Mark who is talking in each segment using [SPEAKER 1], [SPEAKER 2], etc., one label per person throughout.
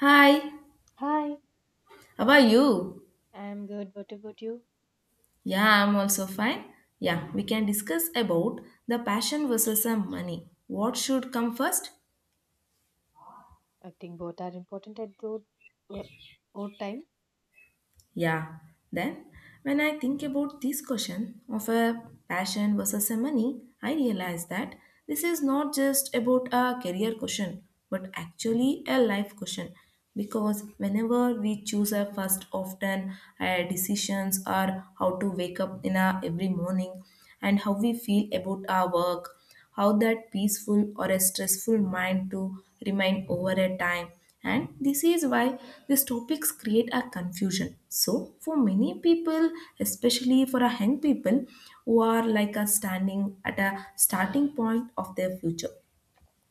[SPEAKER 1] Hi,
[SPEAKER 2] Hi,
[SPEAKER 1] how are you?
[SPEAKER 2] I'm good. What about you?
[SPEAKER 1] Yeah, I'm also fine. Yeah, we can discuss about the passion versus the money. What should come first?
[SPEAKER 2] I think both are important at both, wo- both time.
[SPEAKER 1] Yeah. Then, when I think about this question of a passion versus a money, I realize that this is not just about a career question, but actually a life question. Because whenever we choose a first, often our decisions are how to wake up in a every morning and how we feel about our work, how that peaceful or a stressful mind to remain over a time, and this is why these topics create a confusion so for many people, especially for a young people who are like a standing at a starting point of their future.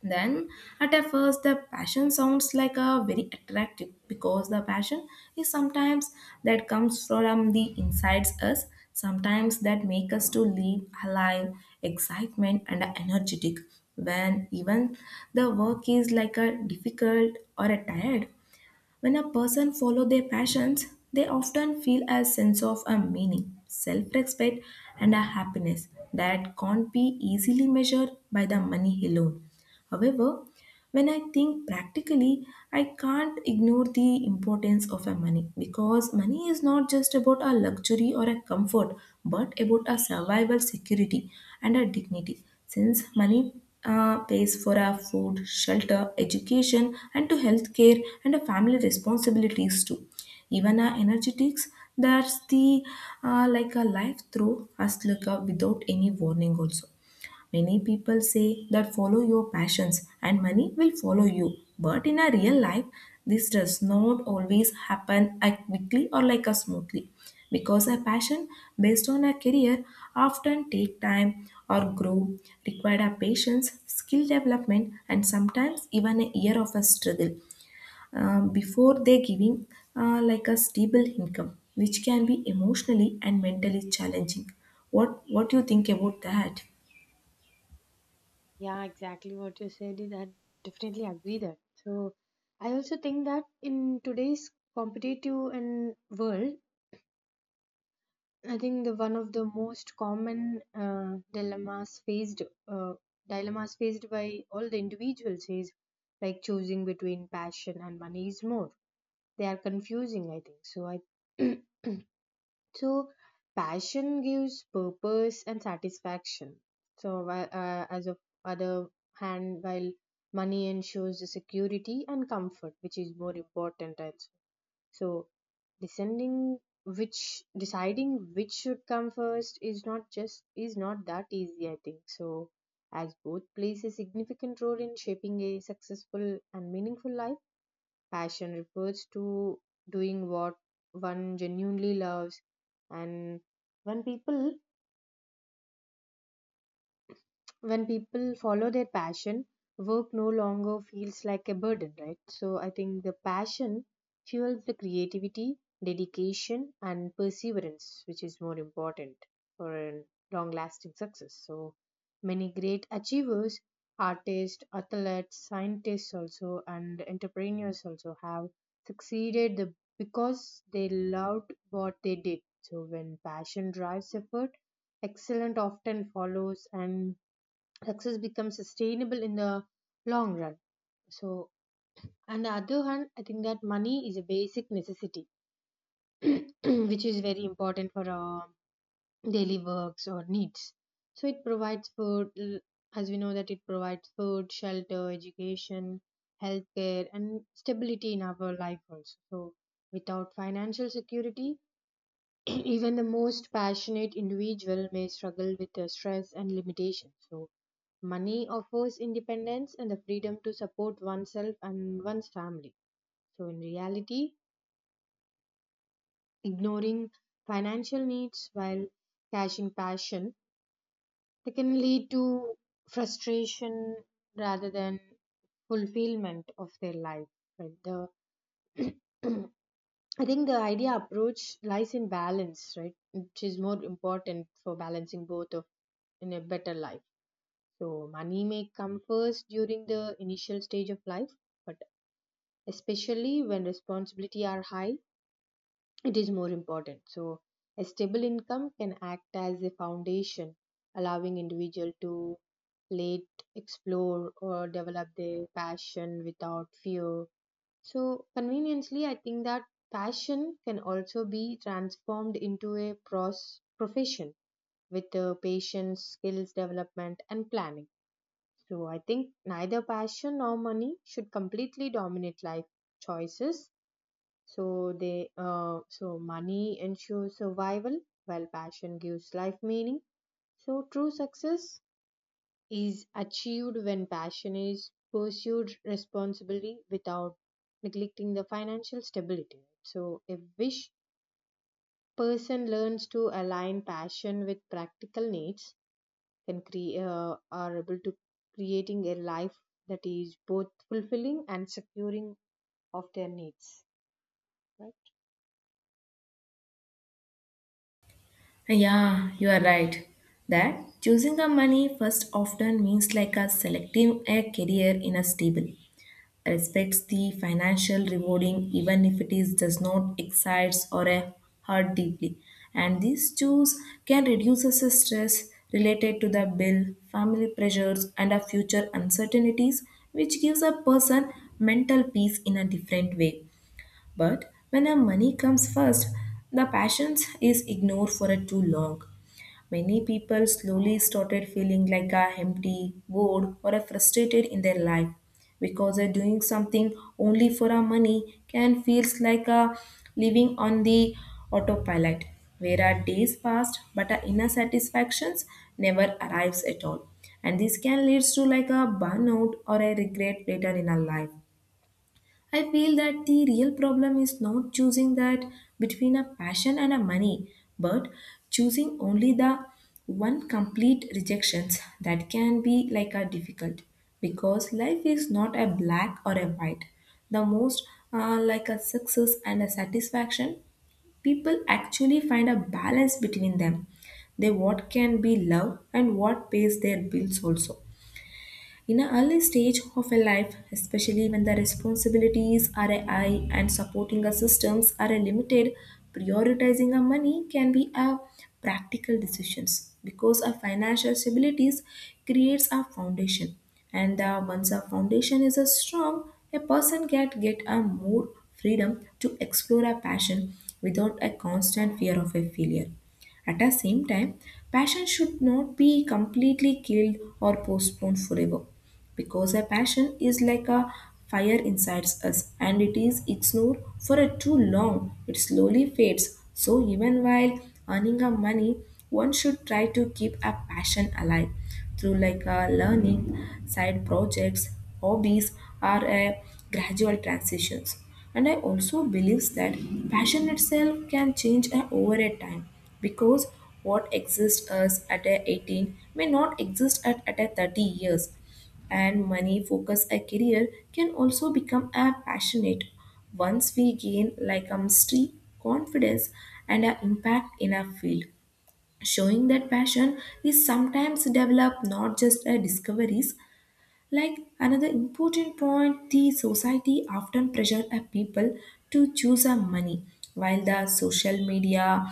[SPEAKER 1] Then, at a first, the passion sounds like a very attractive because the passion is sometimes that comes from the insides us, sometimes that make us to live alive, excitement, and energetic. When even the work is like a difficult or a tired, when a person follow their passions, they often feel a sense of a meaning, self-respect, and a happiness that can't be easily measured by the money alone. However, when I think practically, I can't ignore the importance of a money because money is not just about a luxury or a comfort, but about a survival security and a dignity. Since money pays for our food, shelter, education, and to healthcare and a family responsibilities too. Even our energetics, that's the like a life through us like a without any warning also. Many people say that follow your passions and money will follow you. But in a real life, this does not always happen as quickly or like as smoothly because a passion based on a career often take time or grow, require a patience, skill development, and sometimes even a year of a struggle before they giving like a stable income, which can be emotionally and mentally challenging. What do you think about that?
[SPEAKER 2] Yeah, exactly what you said is I definitely agree that. So I also think that in today's competitive and world, I think the one of the most common dilemmas faced uh, dilemmas faced by all the individuals is like choosing between passion and money is more. They are confusing, I think. So I So passion gives purpose and satisfaction. So as of other hand, while money ensures the security and comfort, which is more important. Also. So descending which deciding which should come first is not that easy. I think so. As both plays a significant role in shaping a successful and meaningful life. Passion refers to doing what one genuinely loves, and when people when people follow their passion, work no longer feels like a burden, right? So I think the passion fuels the creativity, dedication, and perseverance, which is more important for a long lasting success. So many great achievers, artists, athletes, scientists also, and entrepreneurs also have succeeded the, because they loved what they did. So when passion drives effort, excellent often follows and success becomes sustainable in the long run. So, on the other hand, I think that money is a basic necessity, which is very important for our daily works or needs. So, it provides as we know that it provides food, shelter, education, healthcare, and stability in our life also. So, without financial security, even the most passionate individual may struggle with the stress and limitations. So, money offers independence and the freedom to support oneself and one's family. So, in reality, ignoring financial needs while cashing passion they can lead to frustration rather than fulfillment of their life. Right? The I think the idea approach lies in balance, right? Which is more important for balancing both of in a better life. So money may come first during the initial stage of life, but especially when responsibility are high it is more important, so a stable income can act as a foundation allowing individual to late explore or develop their passion without fear. So conveniently I think that passion can also be transformed into a profession with patience skills development and planning. So I think neither passion nor money should completely dominate life choices. So they so money ensures survival while passion gives life meaning. So true success is achieved when passion is pursued responsibly without neglecting the financial stability. Right? So if wish person learns to align passion with practical needs can create are able to creating a life that is both fulfilling and securing of their needs, right?
[SPEAKER 1] Yeah, you are right. That choosing a money first often means like a selecting a career in a stable, respects the financial rewarding even if it is does not excites or a hurt deeply. And these choose can reduce us the stress related to the bill, family pressures, and a future uncertainties, which gives a person mental peace in a different way. But when a money comes first, the passions is ignored for a too long. Many people slowly started feeling like a empty, bored, or a frustrated in their life because they're doing something only for our money can feels like a living on the autopilot, where our days passed but our inner satisfactions never arrives at all, and this can lead to like a burnout or a regret later in our life. I feel that the real problem is not choosing that between a passion and a money, but choosing only the one complete rejections that can be like a difficult because life is not a black or a white. The most like a success and a satisfaction, people actually find a balance between them. They what can be love and what pays their bills also. In an early stage of a life, especially when the responsibilities are high and supporting systems are limited, prioritizing a money can be a practical decisions because a financial stabilities creates a foundation, and once a foundation is a strong, a person can get a more freedom to explore a passion without a constant fear of a failure. At the same time, passion should not be completely killed or postponed forever, because a passion is like a fire inside us, and it is ignored for a too long, it slowly fades. So even while earning a money, one should try to keep a passion alive through like a learning, side projects, hobbies, are a gradual transitions. And I also believes that passion itself can change over a time because what exists us at a 18 may not exist at a 30 years. And money focused a career can also become a passionate once we gain like a mastery, confidence, and an impact in our field, showing that passion is sometimes developed not just a discoveries. Like another important point, the society often pressure a people to choose a money, while the social media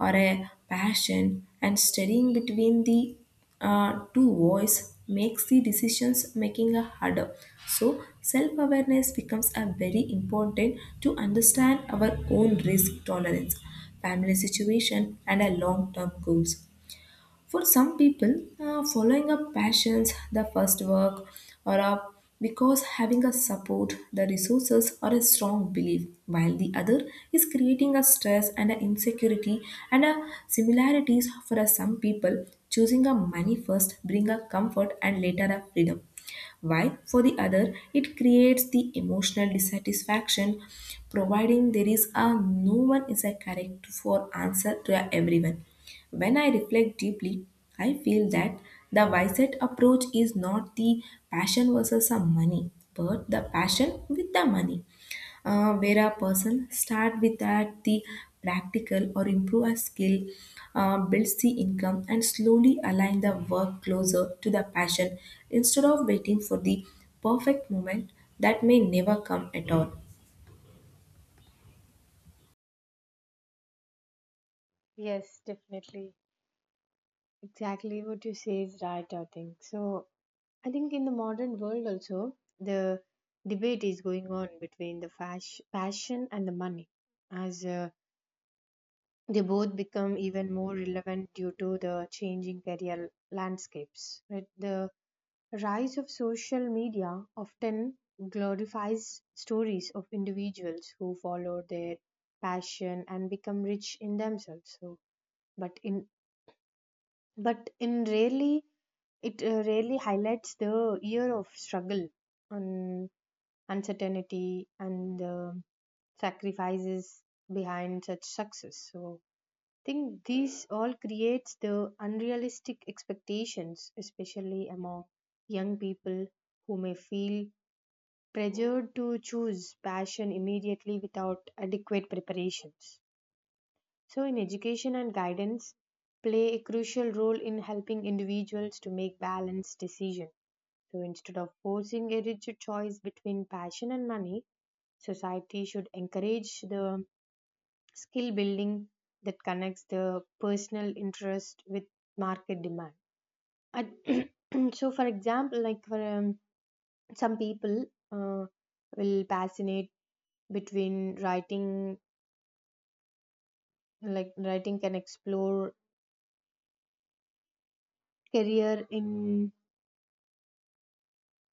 [SPEAKER 1] or a passion and studying between the two voice makes the decisions making a harder. So self awareness becomes a very important to understand our own risk tolerance, family situation, and a long term goals. For some people, following a passions, the first work, or a, because having a support, the resources, or a strong belief, while the other is creating a stress and an insecurity and a similarities. For a some people, choosing a money first bring a comfort and later a freedom, while for the other it creates the emotional dissatisfaction, providing there is a no one is a correct for answer to everyone. When I reflect deeply, I feel that the wisest approach is not the passion versus the money but the passion with the money, where a person start with that the practical or improve a skill, builds the income and slowly align the work closer to the passion, instead of waiting for the perfect moment that may never come at all.
[SPEAKER 2] Yes, definitely. Exactly what you say is right, I think. So, I think in the modern world also, the debate is going on between the passion and the money, as they both become even more relevant due to the changing career landscapes. Right? The rise of social media often glorifies stories of individuals who follow their passion and become rich in themselves. So, but in but in rarely it really highlights the year of struggle and uncertainty and the sacrifices behind such success. So I think these all creates the unrealistic expectations, especially among young people who may feel pressured to choose passion immediately without adequate preparations. So in education and guidance play a crucial role in helping individuals to make balanced decisions, so instead of forcing a rigid choice between passion and money, society should encourage the skill building that connects the personal interest with market demand. And so, for example, like for some people uh, will passionate between writing, like writing can explore career in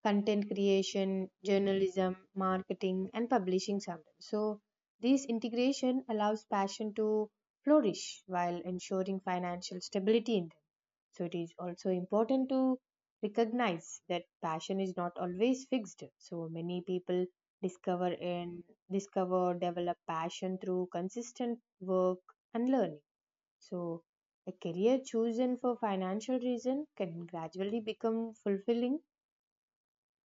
[SPEAKER 2] content creation, journalism, marketing, and publishing sometimes. So, this integration allows passion to flourish while ensuring financial stability in them. So, it is also important to recognize that passion is not always fixed. So, many people discover and discover develop passion through consistent work and learning. So, a career chosen for financial reason can gradually become fulfilling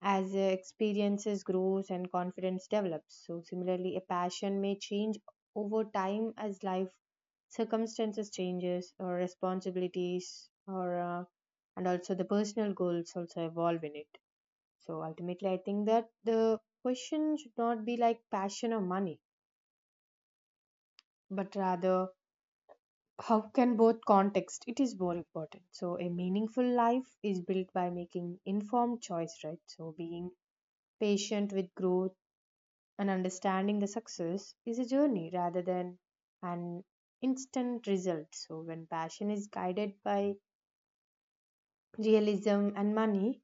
[SPEAKER 2] as experiences grows and confidence develops. So similarly a passion may change over time as life circumstances changes or responsibilities or and also the personal goals also evolve in it. So ultimately I think that the question should not be like passion or money but rather how can both context it is more important, so a meaningful life is built by making informed choice, right? So being patient with growth and understanding the success is a journey rather than an instant result. So when passion is guided by realism and money,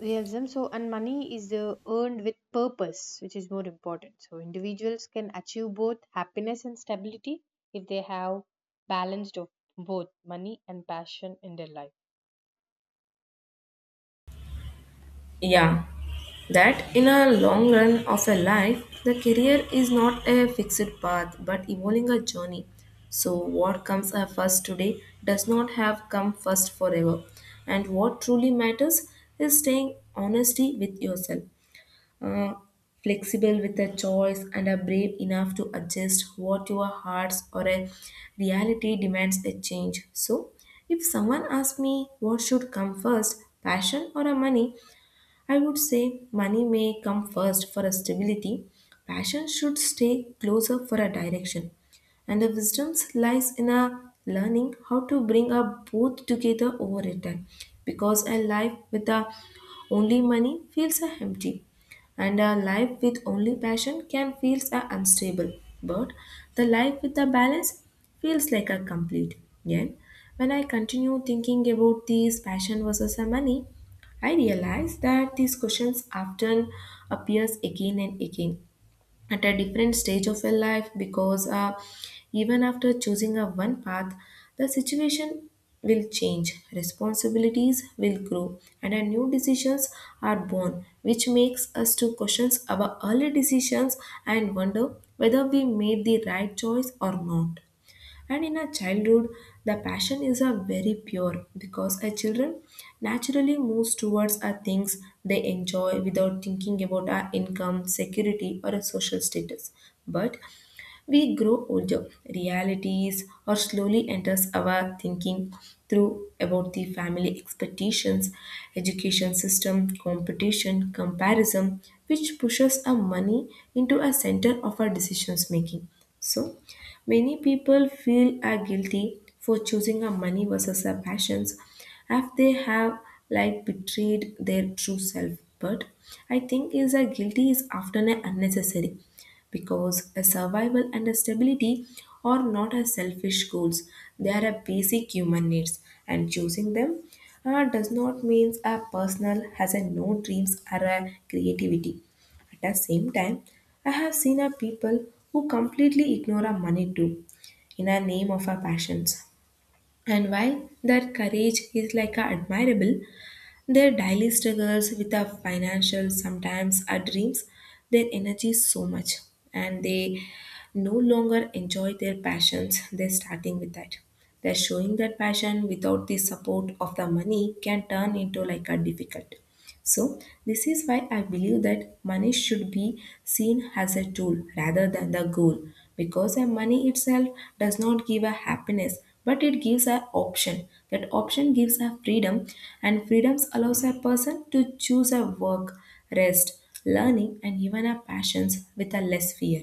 [SPEAKER 2] realism so and money is earned with purpose, which is more important. So individuals can achieve both happiness and stability if they have balanced of both money and passion in their life.
[SPEAKER 1] Yeah, that in a long run of a life, the career is not a fixed path but evolving a journey. So, what comes first today does not have come first forever. And what truly matters is staying honesty with yourself, uh, flexible with a choice, and are brave enough to adjust what your hearts or a reality demands a change. So, if someone asks me what should come first, passion or a money, I would say money may come first for a stability, passion should stay closer for a direction, and the wisdom lies in a learning how to bring up both together over a time, because a life with a only money feels a empty and a life with only passion can feels a unstable, but the life with a balance feels like a complete. Yet when I continue thinking about these passion versus a money, I realize that these questions often appears again and again at a different stage of your life because even after choosing a one path, the situation will change, responsibilities will grow, and our new decisions are born, which makes us to questions about early decisions and wonder whether we made the right choice or not. And in a childhood, the passion is a very pure because a children naturally moves towards a things they enjoy without thinking about our income, security, or a social status. But we grow older, realities or slowly enters our thinking through about the family expectations, education system, competition, comparison, which pushes our money into a center of our decisions making. So many people feel are guilty for choosing a money versus a passions as they have like betrayed their true self. But I think is a guilty is often a unnecessary because a survival and a stability are not as selfish goals, they are a basic human needs, and choosing them does not mean a person has a no dreams or a creativity. At the same time, I have seen a people who completely ignore a money too in a name of our passions, and while their courage is like a admirable, their daily struggles with our financial, sometimes our dreams, their energy so much, and they no longer enjoy their passions. They're starting with that. They're showing that passion without the support of the money can turn into like a difficult. So, this is why I believe that money should be seen as a tool rather than the goal, because a money itself does not give a happiness, but it gives an option, that option gives a freedom, and freedoms allows a person to choose a work, rest, learning, and even a passions with a less fear.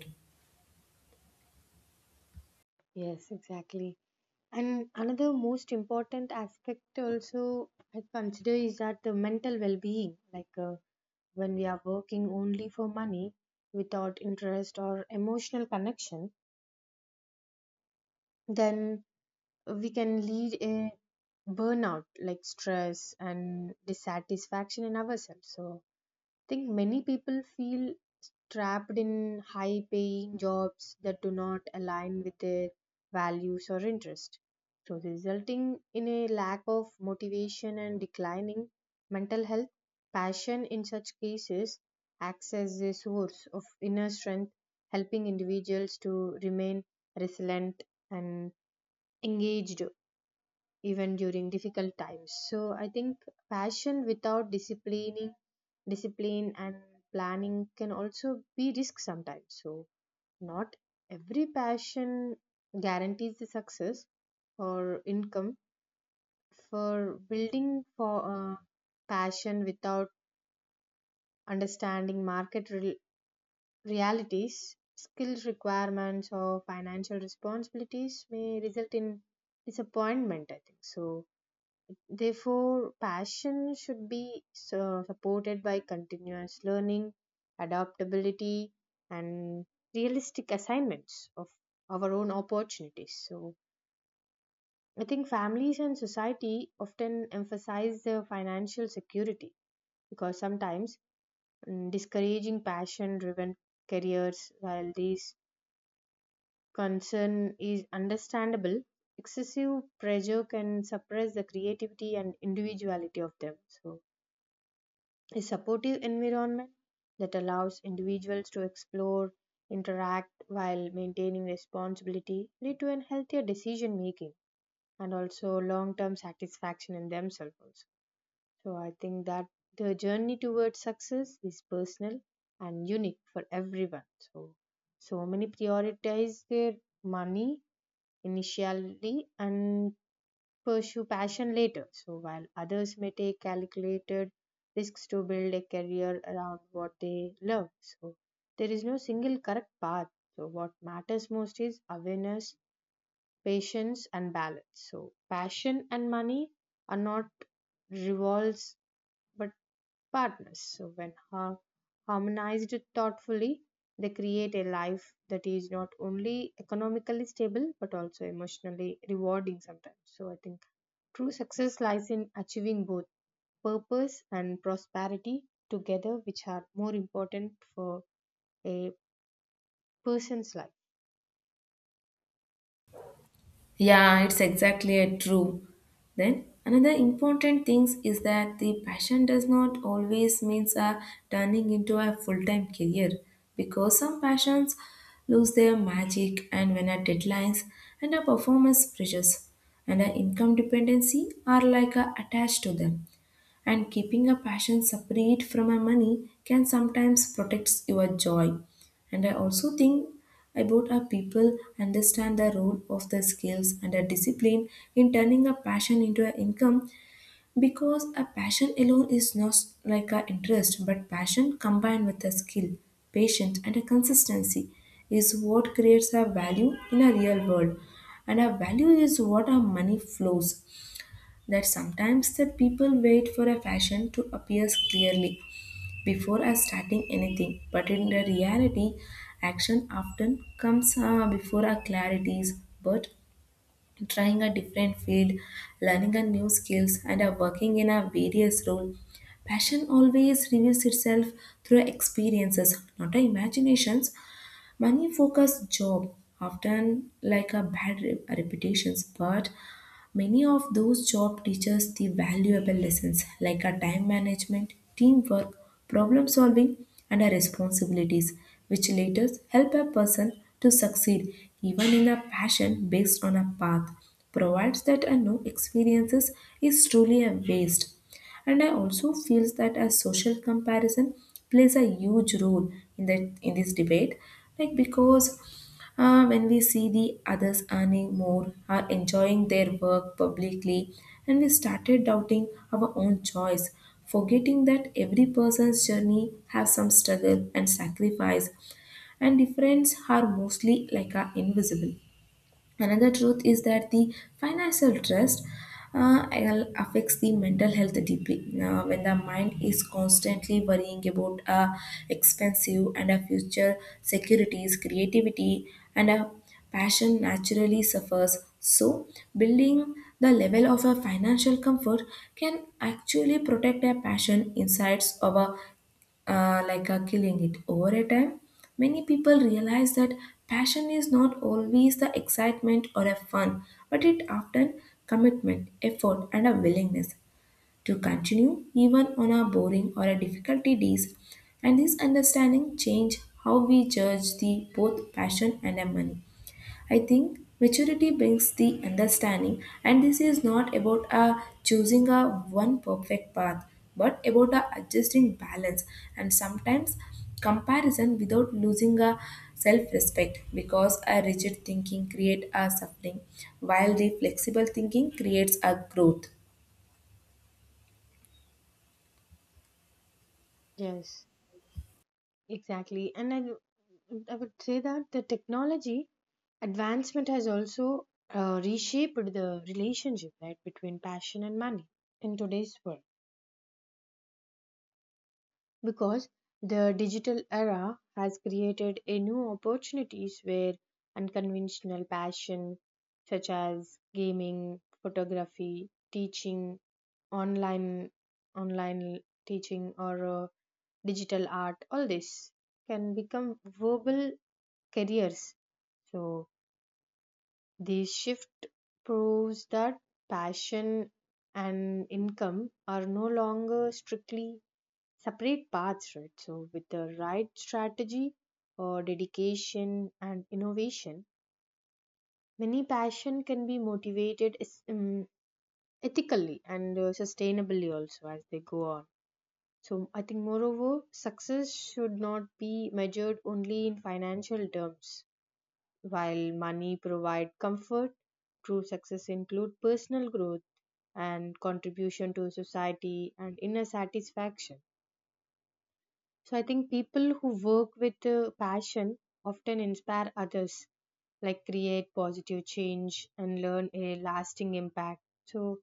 [SPEAKER 2] Yes, exactly. And another most important aspect also I consider is that the mental well-being, like when we are working only for money without interest or emotional connection, then we can lead a burnout like stress and dissatisfaction in ourselves. So I think many people feel trapped in high paying jobs that do not align with their values or interest, so resulting in a lack of motivation and declining mental health. Passion in such cases acts as a source of inner strength helping individuals to remain resilient and engaged even during difficult times. So I think passion without disciplining discipline and planning can also be risk sometimes. So not every passion guarantees the success or income for building for passion without understanding market rel realities skills requirements or financial responsibilities may result in disappointment, I think so. Therefore, passion should be so supported by continuous learning, adaptability, and realistic assignments of our own opportunities. So, I think families and society often emphasize the financial security because sometimes discouraging passion driven careers, while this concern is understandable, excessive pressure can suppress the creativity and individuality of them. So, a supportive environment that allows individuals to explore, interact while maintaining responsibility lead to an healthier decision making and also long-term satisfaction in themselves also. So I think that the journey towards success is personal and unique for everyone. So many prioritize their money initially and pursue passion later. So while others may take calculated risks to build a career around what they love. So there is no single correct path. So what matters most is awareness, patience and balance. So passion and money are not rivals but partners. So when harmonized thoughtfully, they create a life that is not only economically stable but also emotionally rewarding sometimes. So I think true success lies in achieving both purpose and prosperity together, which are more important for a person's life.
[SPEAKER 1] Yeah, it's exactly a true. Then another important things is that the passion does not always means a turning into a full-time career because some passions lose their magic and when our deadlines and our performance pressures and our income dependency are like a attached to them, and keeping a passion separate from my money can sometimes protect your joy. And I also think about how people understand the role of the skills and the discipline in turning a passion into an income, because a passion alone is not like an interest, but passion combined with a skill, patience, and a consistency is what creates a value in a real world, and our value is what our money flows. That sometimes that people wait for a fashion to appear clearly before starting anything, but in the reality action often comes before our clarities. But trying a different field, learning a new skills, and working in a various role, passion always reveals itself through experiences, not our imaginations. Money focused job often like a bad reputations, but many of those jobs teach us the valuable lessons like a time management, teamwork, problem solving, and our responsibilities, which later help a person to succeed even in a passion based on a path, provides that a no experiences is truly a waste. And I also feel that a social comparison plays a huge role in the in this debate, like because when we see the others earning more, are enjoying their work publicly, and we started doubting our own choice, forgetting that every person's journey has some struggle and sacrifice, and difference are mostly like are invisible. Another truth is that the financial stress uh, affects the mental health deeply. Now, when the mind is constantly worrying about expensive and a future securities, creativity and a passion naturally suffers. So, building the level of a financial comfort can actually protect a passion insights of a, killing it. Over a time, many people realize that passion is not always the excitement or a fun, but it often commitment, effort, and a willingness to continue even on our boring or a difficulty days. And this understanding change how we judge the both passion and our money. I think maturity brings the understanding, and this is not about choosing a one perfect path, but about adjusting balance and sometimes comparison without losing a self-respect, because a rigid thinking creates a suffering while the flexible thinking creates a growth.
[SPEAKER 2] Yes, exactly. And I would say that the technology advancement has also reshaped the relationship right between passion and money in today's world because the digital era has created a new opportunities where unconventional passion such as gaming, photography, teaching, online online teaching or digital art all this can become verbal careers. So this shift proves that passion and income are no longer strictly separate paths, right? So, with the right strategy or dedication and innovation, many passion can be motivated ethically and sustainably also as they go on. So, I think moreover, success should not be measured only in financial terms. While money provide comfort, true success include personal growth and contribution to society and inner satisfaction. So I think people who work with passion often inspire others, like create positive change and learn a lasting impact. So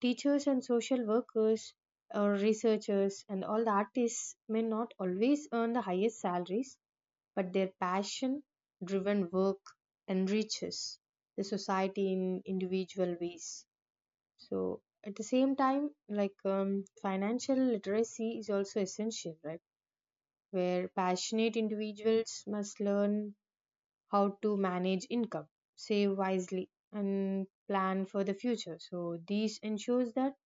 [SPEAKER 2] teachers and social workers or researchers and all the artists may not always earn the highest salaries, but their passion driven work enriches the society in individual ways. So at the same time, like financial literacy is also essential, right? Where passionate individuals must learn how to manage income, save wisely, and plan for the future. So, this ensures that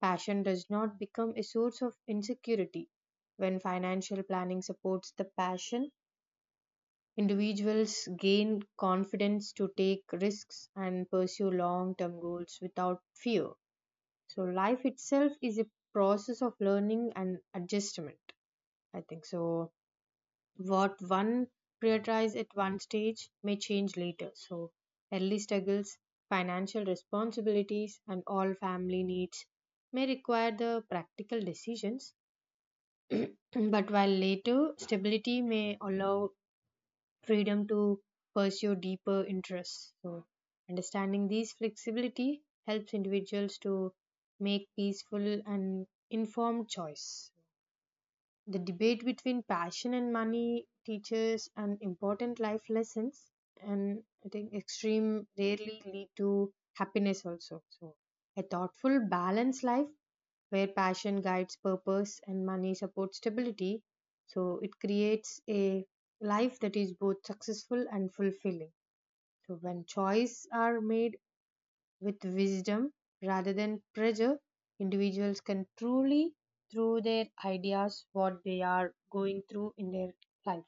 [SPEAKER 2] passion does not become a source of insecurity. When financial planning supports the passion, individuals gain confidence to take risks and pursue long term goals without fear. So, life itself is a process of learning and adjustment. I think so what one prioritizes at one stage may change later. So, early struggles, financial responsibilities, and all family needs may require the practical decisions. But while later, stability may allow freedom to pursue deeper interests. So, understanding these flexibility helps individuals to make peaceful and informed choice. The debate between passion and money teaches an important life lessons, and I think extreme rarely lead to happiness also. So, a thoughtful, balanced life where passion guides purpose and money supports stability. So, it creates a life that is both successful and fulfilling. So, when choices are made with wisdom rather than pressure, individuals can truly, through their ideas, what they are going through in their life.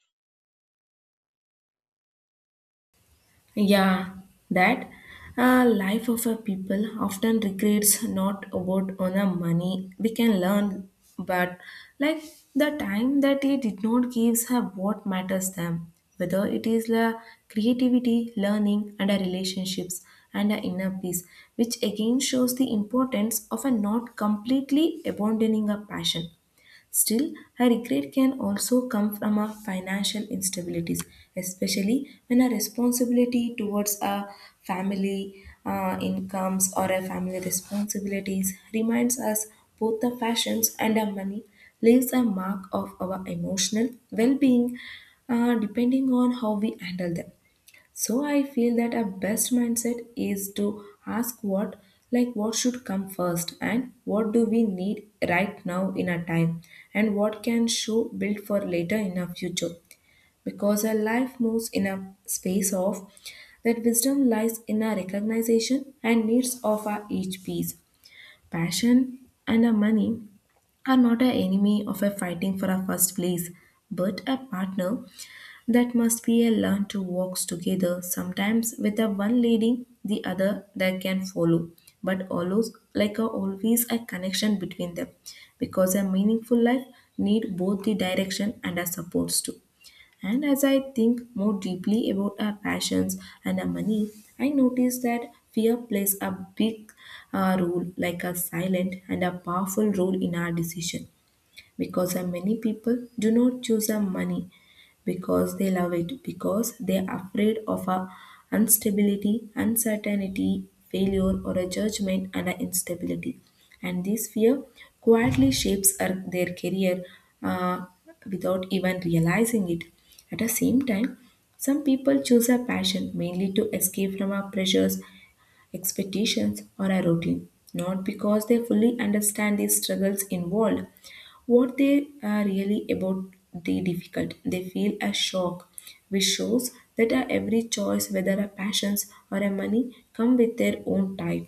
[SPEAKER 1] Yeah, that life of a people often regrets not about on a money we can learn, but like the time that it did not gives her what matters them, whether it is the creativity, learning, and the relationships and the inner peace, which again shows the importance of a not completely abandoning a passion. Still, her regret can also come from our financial instabilities, especially when our responsibility towards our family incomes or our family responsibilities reminds us both the fashions and our money leaves a mark of our emotional well-being depending on how we handle them. So I feel that our best mindset is to ask what, like what should come first and what do we need right now in our time, and what can show build for later in our future. Because our life moves in a space of that wisdom lies in our recognition and needs of our each piece. Passion and our money are not an enemy of a fighting for our first place, but a partner that must be a learn to walk together, sometimes with the one leading the other that can follow, but always a connection between them, because a meaningful life need both the direction and a supports too. And as I think more deeply about our passions and our money, I notice that fear plays a big role, like a silent and a powerful role in our decision, because many people do not choose money because they love it, because they are afraid of a instability, uncertainty, failure, or a judgment and a instability. And this fear quietly shapes their career uh, without even realizing it. At the same time, some people choose a passion mainly to escape from our pressures, expectations, or a routine, not because they fully understand the struggles involved. What they are really about the difficult, they feel a shock, which shows that our every choice, whether our passions or our money, come with their own type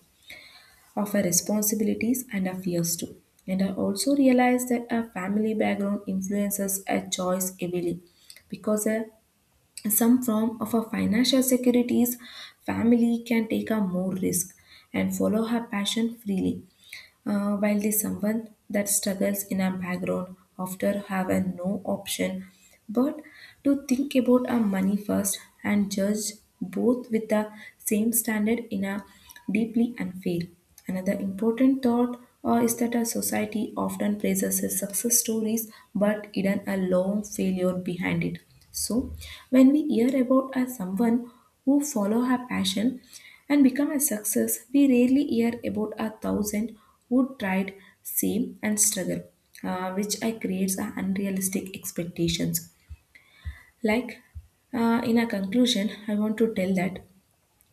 [SPEAKER 1] of our responsibilities and our fears too. And I also realized that our family background influences our choice heavily, because a some form of a financial securities, family can take a more risk and follow her passion freely. While the someone that struggles in a background often have a no option but to think about our money first and judge both with the same standard in a deeply unfair. Another important thought is that our society often praises a success stories but hidden a long failure behind it. So when we hear about a someone who follow her passion and become a success, we rarely hear about a thousand who tried, same, and struggle, which I creates a unrealistic expectations. Like, in a conclusion, I want to tell that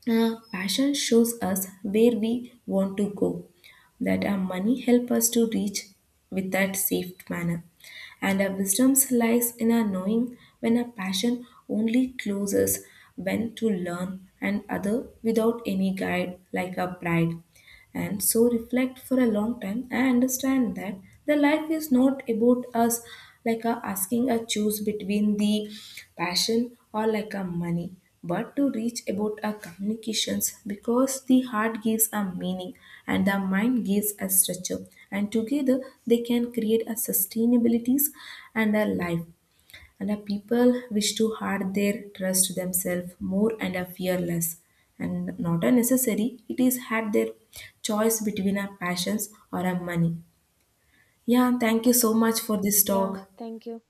[SPEAKER 1] passion shows us where we want to go, that our money help us to reach with that safe manner. And our wisdom lies in our knowing when our passion only closes, when to learn and other without any guide like our pride. And so reflect for a long time I understand that the life is not about us, like a asking a choose between the passion or like a money, but to reach about our communications, because the heart gives a meaning and the mind gives a structure, and together they can create a sustainabilities and a life, and the people wish to hard their trust themselves more and are fearless and not a necessary it is had their choice between our passions or our money. Yeah, thank you so much for this
[SPEAKER 2] Yeah,
[SPEAKER 1] talk.
[SPEAKER 2] thank you.